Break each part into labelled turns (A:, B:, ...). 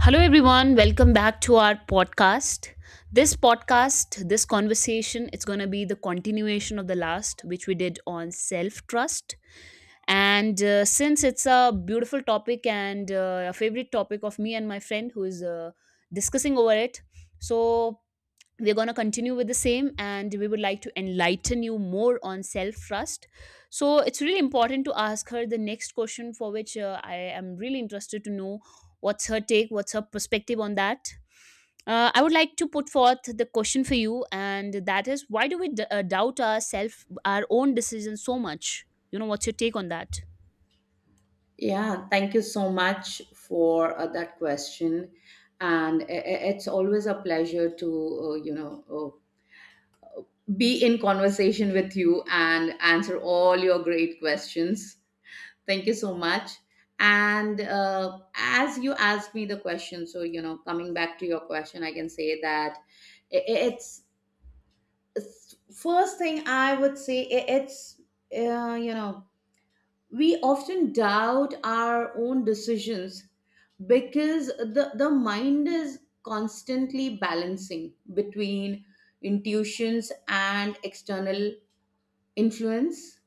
A: Hello, everyone. Welcome back to our podcast. This podcast, this conversation, it's going to be the continuation of the last, which we did on self trust. And since it's a beautiful topic and a favorite topic of me and my friend who is discussing over it, so we're going to continue with the same, and we would like to enlighten you more on self trust. So it's really important to ask her the next question, for which I am really interested to know. What's her take? What's her perspective on that? I would like to put forth the question for you, and that is why do we doubt ourselves, our own decisions so much? You know, what's your take on that?
B: Yeah, thank you so much for that question. It's always a pleasure to, be in conversation with you and answer all your great questions. Thank you so much. And as you asked me the question, coming back to your question, I can say that I- it's first thing I would say, uh, you know, we often doubt our own decisions because the mind is constantly balancing between intuitions and external influence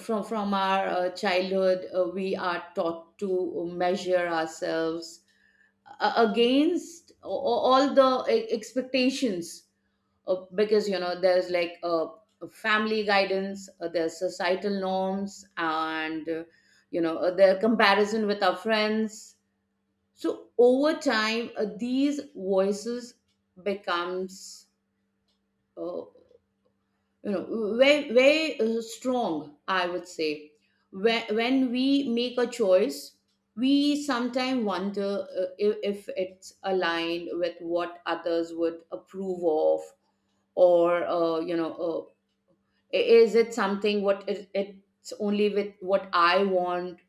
B: from our childhood. We are taught to measure ourselves against all the expectations, because there's like family guidance, there's societal norms, and their comparison with our friends. So over time, these voices becomes uh, Very strong, I would say, when we make a choice, we sometimes wonder if, it's aligned with what others would approve of, or is it something, what is it's only with what I want,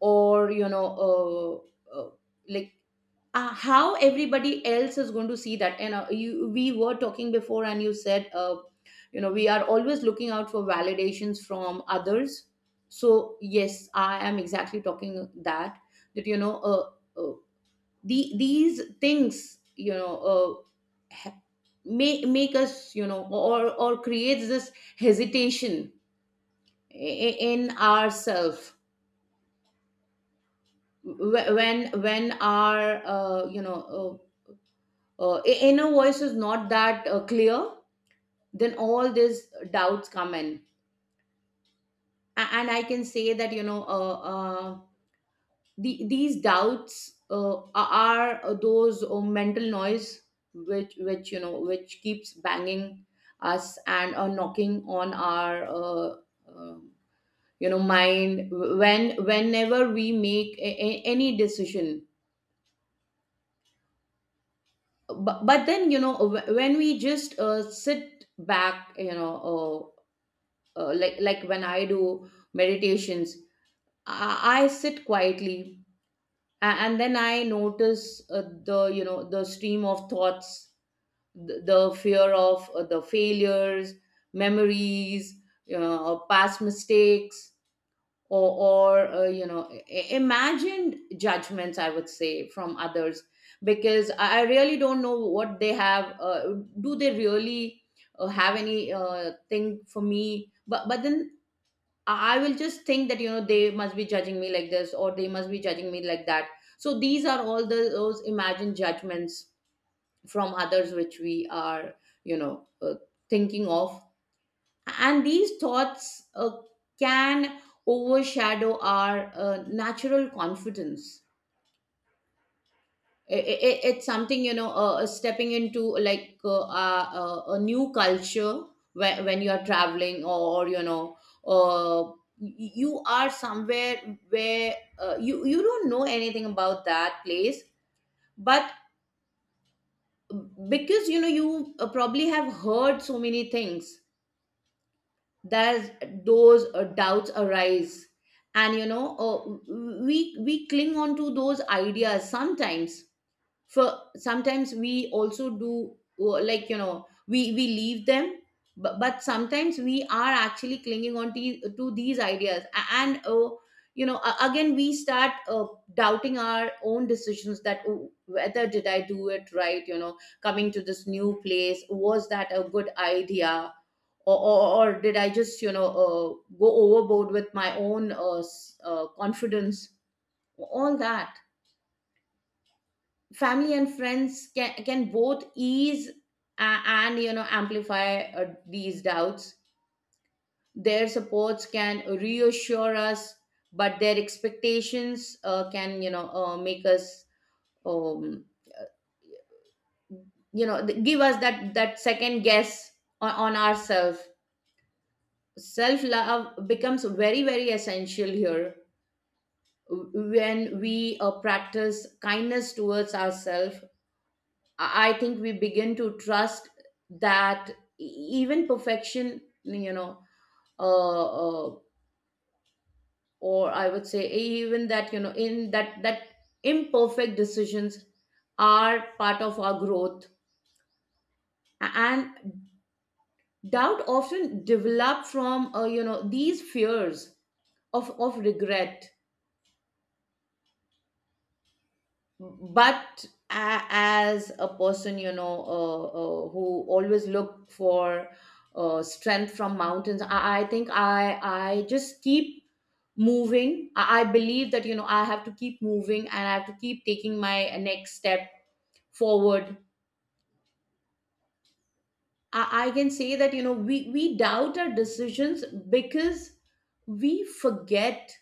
B: or uh, uh, like how everybody else is going to see that? And you, we were talking before, and you said, we are always looking out for validations from others. So yes, I am exactly talking that uh, these things. Uh, ha- make us or creates this hesitation in ourself. When our inner voice is not that clear, then all these doubts come in. And I can say that these doubts are those mental noise which keeps banging us and knocking on our uh, mind whenever we make any decision. But, then, when we just sit back, like when I do meditations, I sit quietly, and, then I notice the you know the stream of thoughts, the fear of the failures, memories, past mistakes, or imagined judgments, I would say, from others. Because I really don't know what they have, do they really have any thing for me? But then I will just think that they must be judging me like this, or they must be judging me like that. So these are all the those imagined judgments from others which we are, you know uh, thinking of. And these thoughts can overshadow our natural confidence. It's something, stepping into like a new culture, when you are traveling, or uh, you are somewhere where you don't know anything about that place. But because you probably have heard so many things, there's those doubts arise. And we cling on to those ideas sometimes. For sometimes we also do, we leave them. But, sometimes we are actually clinging on to these ideas. And again we start doubting our own decisions, that, "Oh, whether did I do it right? You know, coming to this new place, was that a good idea, or, or did I just, go overboard with my own confidence?" All that, family and friends can both ease and, amplify these doubts. Their supports can reassure us, but their expectations can, make us, um, give us that second guess on ourselves. Self love becomes very very essential here. When we practice kindness towards ourselves, I think we begin to trust that e- even perfection, uh, uh, or I would say even that, you know, in that that imperfect decisions are part of our growth, and doubt often develop from these fears of regret. But as a person, who always look for strength from mountains, I think I just keep moving. I believe that, I have to keep moving, and I have to keep taking my next step forward. I can say that, we doubt our decisions because we forget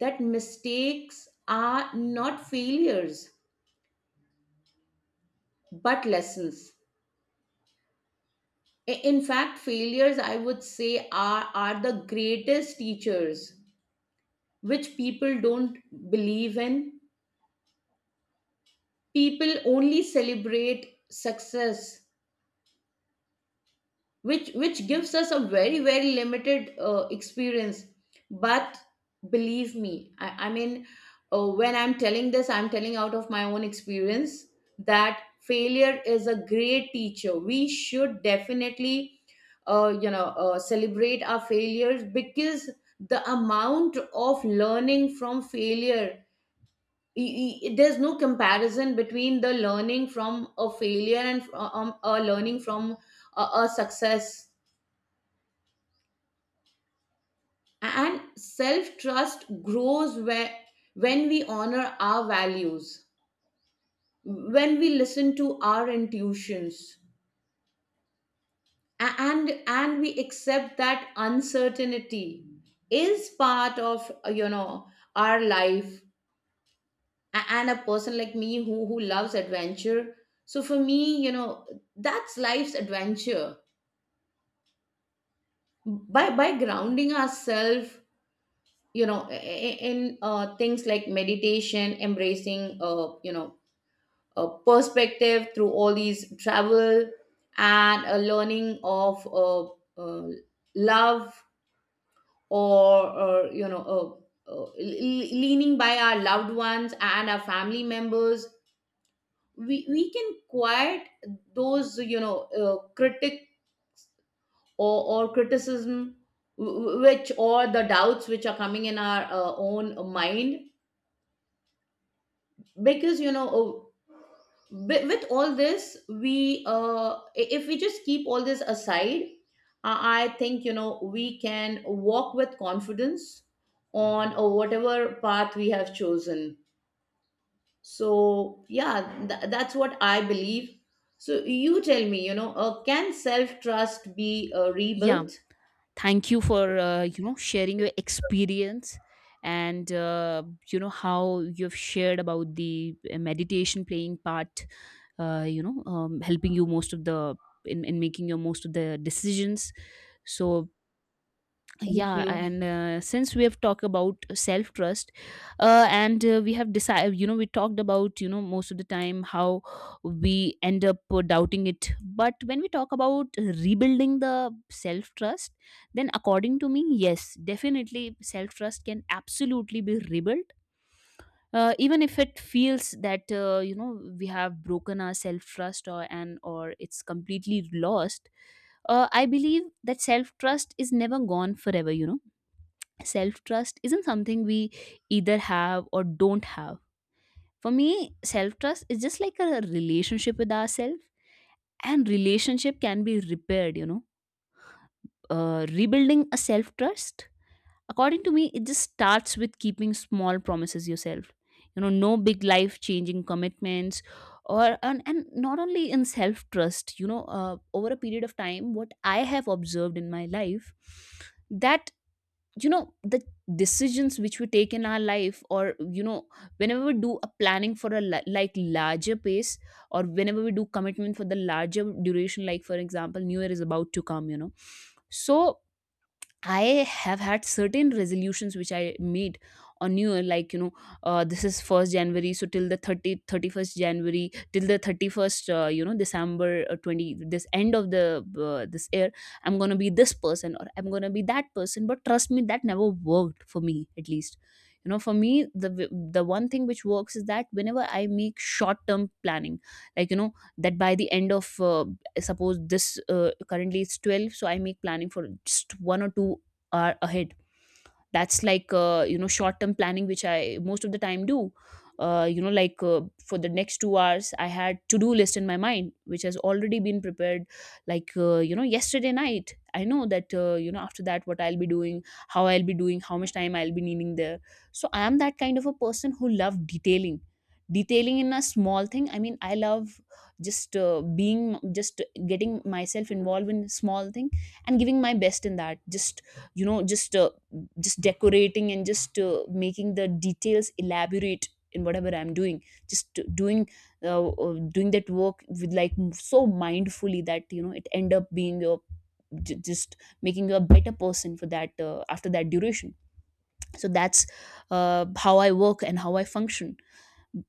B: that mistakes are not failures but lessons. In fact, failures, I would say, are the greatest teachers, which people don't believe in. People only celebrate success, which gives us a very very limited experience. But believe me, I mean, when I'm telling this, I'm telling out of my own experience that failure is a great teacher. We should definitely, celebrate our failures, because the amount of learning from failure, there's no comparison between the learning from a failure and a learning from a success. And self trust grows where, when we honor our values, when we listen to our intuitions, and we accept that uncertainty is part of, our life. And a person like me who loves adventure. So for me, that's life's adventure. By grounding ourselves, in things like meditation, embracing, perspective through all these travel, and a learning of uh, love, or, leaning by our loved ones and our family members, we can quiet those, critic, or criticism, w- w- which or the doubts which are coming in our own mind. Because with all this we, if we just keep all this aside, I think, we can walk with confidence on whatever path we have chosen. So yeah, that's what I believe. So you tell me, can self trust be
A: Yeah,
B: rebuilt?
A: thank you for you know sharing your experience, and you know how you've shared about the meditation playing part. Helping you most of the, in making your most of the decisions. So
B: Thank
A: yeah,
B: you.
A: and since we have talked about self trust and we have decided, you know, we talked about, you know, most of the time how we end up doubting it. But when we talk about rebuilding the self trust, then according to me, yes, definitely self trust can absolutely be rebuilt. Even if it feels that you know we have broken our self trust, or and or it's completely lost. I believe that self trust is never gone forever, you know. Self trust isn't something we either have or don't have. For me, self trust is just like a relationship with ourselves, and relationship can be repaired, you know. Rebuilding a self trust, according to me, it just starts with keeping small promises yourself. You know, no big life changing commitments, or and not only in self trust, you know, over a period of time, what I have observed in my life, that you know the decisions which we take in our life, or you know whenever we do a planning for a like larger pace, or whenever we do commitment for the larger duration, like for example, new year is about to come, you know. So I have had certain resolutions which I made on New Year, like, you know, this is 1st January, so till the 31st January, till the 31st, December 20, this end of the, this year, I'm going to be this person or I'm going to be that person. But trust me, that never worked for me, at least. You know, for me, the one thing which works is that whenever I make short term planning, like you know, that by the end of suppose this currently it's 12, so I make planning for just 1 or 2 hour ahead. That's like, you know short term planning which I most of the time do. You know, like for the next 2 hours, I had to do list in my mind which has already been prepared. Like, you know, yesterday night I know that, you know, after that what I'll be doing, how I'll be doing, how much time I'll be needing there. So I am that kind of a person who love detailing. Detailing in a small thing, I mean, I love just being, just getting myself involved in small thing, and giving my best in that. Just you know, just decorating and just making the details elaborate in whatever I'm doing. Just doing, doing that work with like so mindfully that you know it end up being a just making you a better person for that, after that duration. So that's how I work and how I function.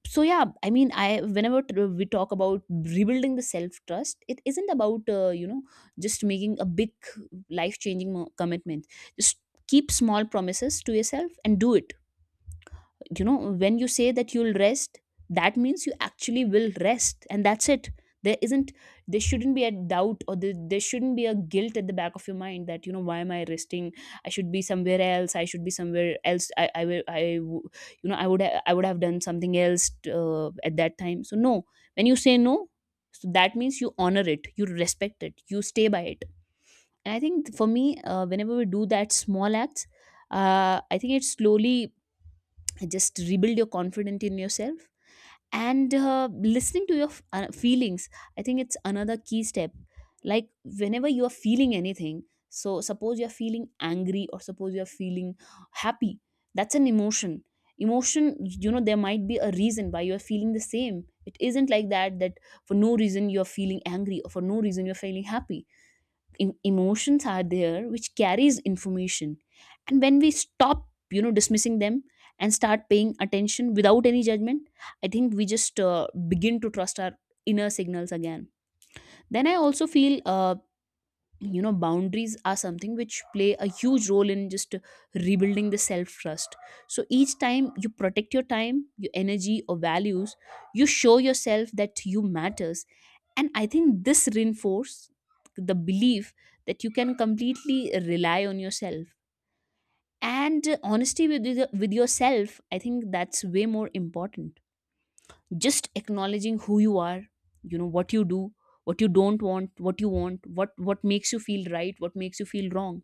A: So yeah, I mean, we talk about rebuilding the self trust. It isn't about you know just making a big life changing commitment. Just keep small promises to yourself and do it, you know. When you say that you'll rest, that means you actually will rest, and that's it. there isn't there shouldn't be a doubt, or there shouldn't be a guilt at the back of your mind that you know, why am I resting? I should be somewhere else, I should be somewhere else, I will I w- you know i would I would have done something else at that time. So no. When you say no, so that means you honor it, you respect it, you stay by it. And I think for me, whenever we do that small acts, I think it slowly just rebuild your confidence in yourself. And listening to your feelings, I think it's another key step. Like, whenever you are feeling anything, so suppose you are feeling angry, or suppose you are feeling happy, that's an emotion. Emotion, you know, there might be a reason why you are feeling the same. It isn't like that that for no reason you are feeling angry, or for no reason you are feeling happy. Emotions are there which carries information, and when we stop, you know, dismissing them, and start paying attention without any judgment, I think we just begin to trust our inner signals again. Then I also feel, you know, boundaries are something which play a huge role in just rebuilding the self trust. So each time you protect your time, your energy or values, you show yourself that you matters, and I think this reinforces the belief that you can completely rely on yourself. And honesty with, with yourself, I think that's way more important. Just acknowledging who you are, you know, what you do, what you don't want, what you want, what makes you feel right, what makes you feel wrong,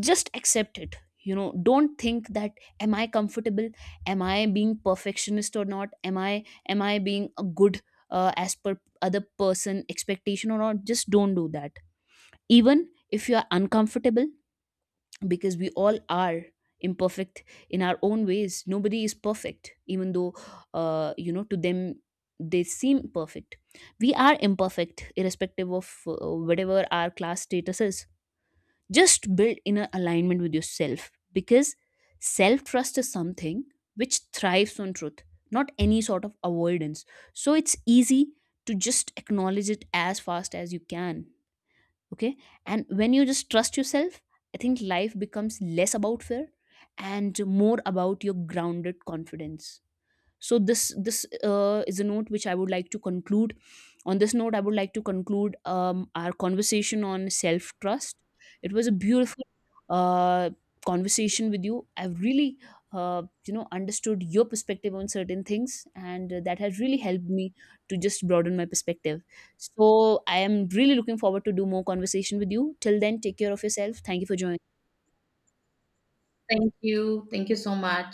A: just accept it. You know, don't think that. Am I comfortable? Am I being perfectionist or not? Am I being a good, as per other person expectation or not? Just don't do that, even if you are uncomfortable. Because we all are imperfect in our own ways. Nobody is perfect, even though, you know, to them they seem perfect. We are imperfect irrespective of whatever our class status is. Just build inner alignment with yourself, because self trust is something which thrives on truth, not any sort of avoidance. So it's easy to just acknowledge it as fast as you can, okay. And when you just trust yourself, I think life becomes less about fear and more about your grounded confidence. So this is a note which I would like to conclude. On this note, I would like to conclude our conversation on self trust. It was a beautiful uh, conversation with you. I've really you know understood your perspective on certain things, and that has really helped me to just broaden my perspective. So I am really looking forward to do more conversation with you. Till then, take care of yourself. Thank you for joining.
B: Thank you so much.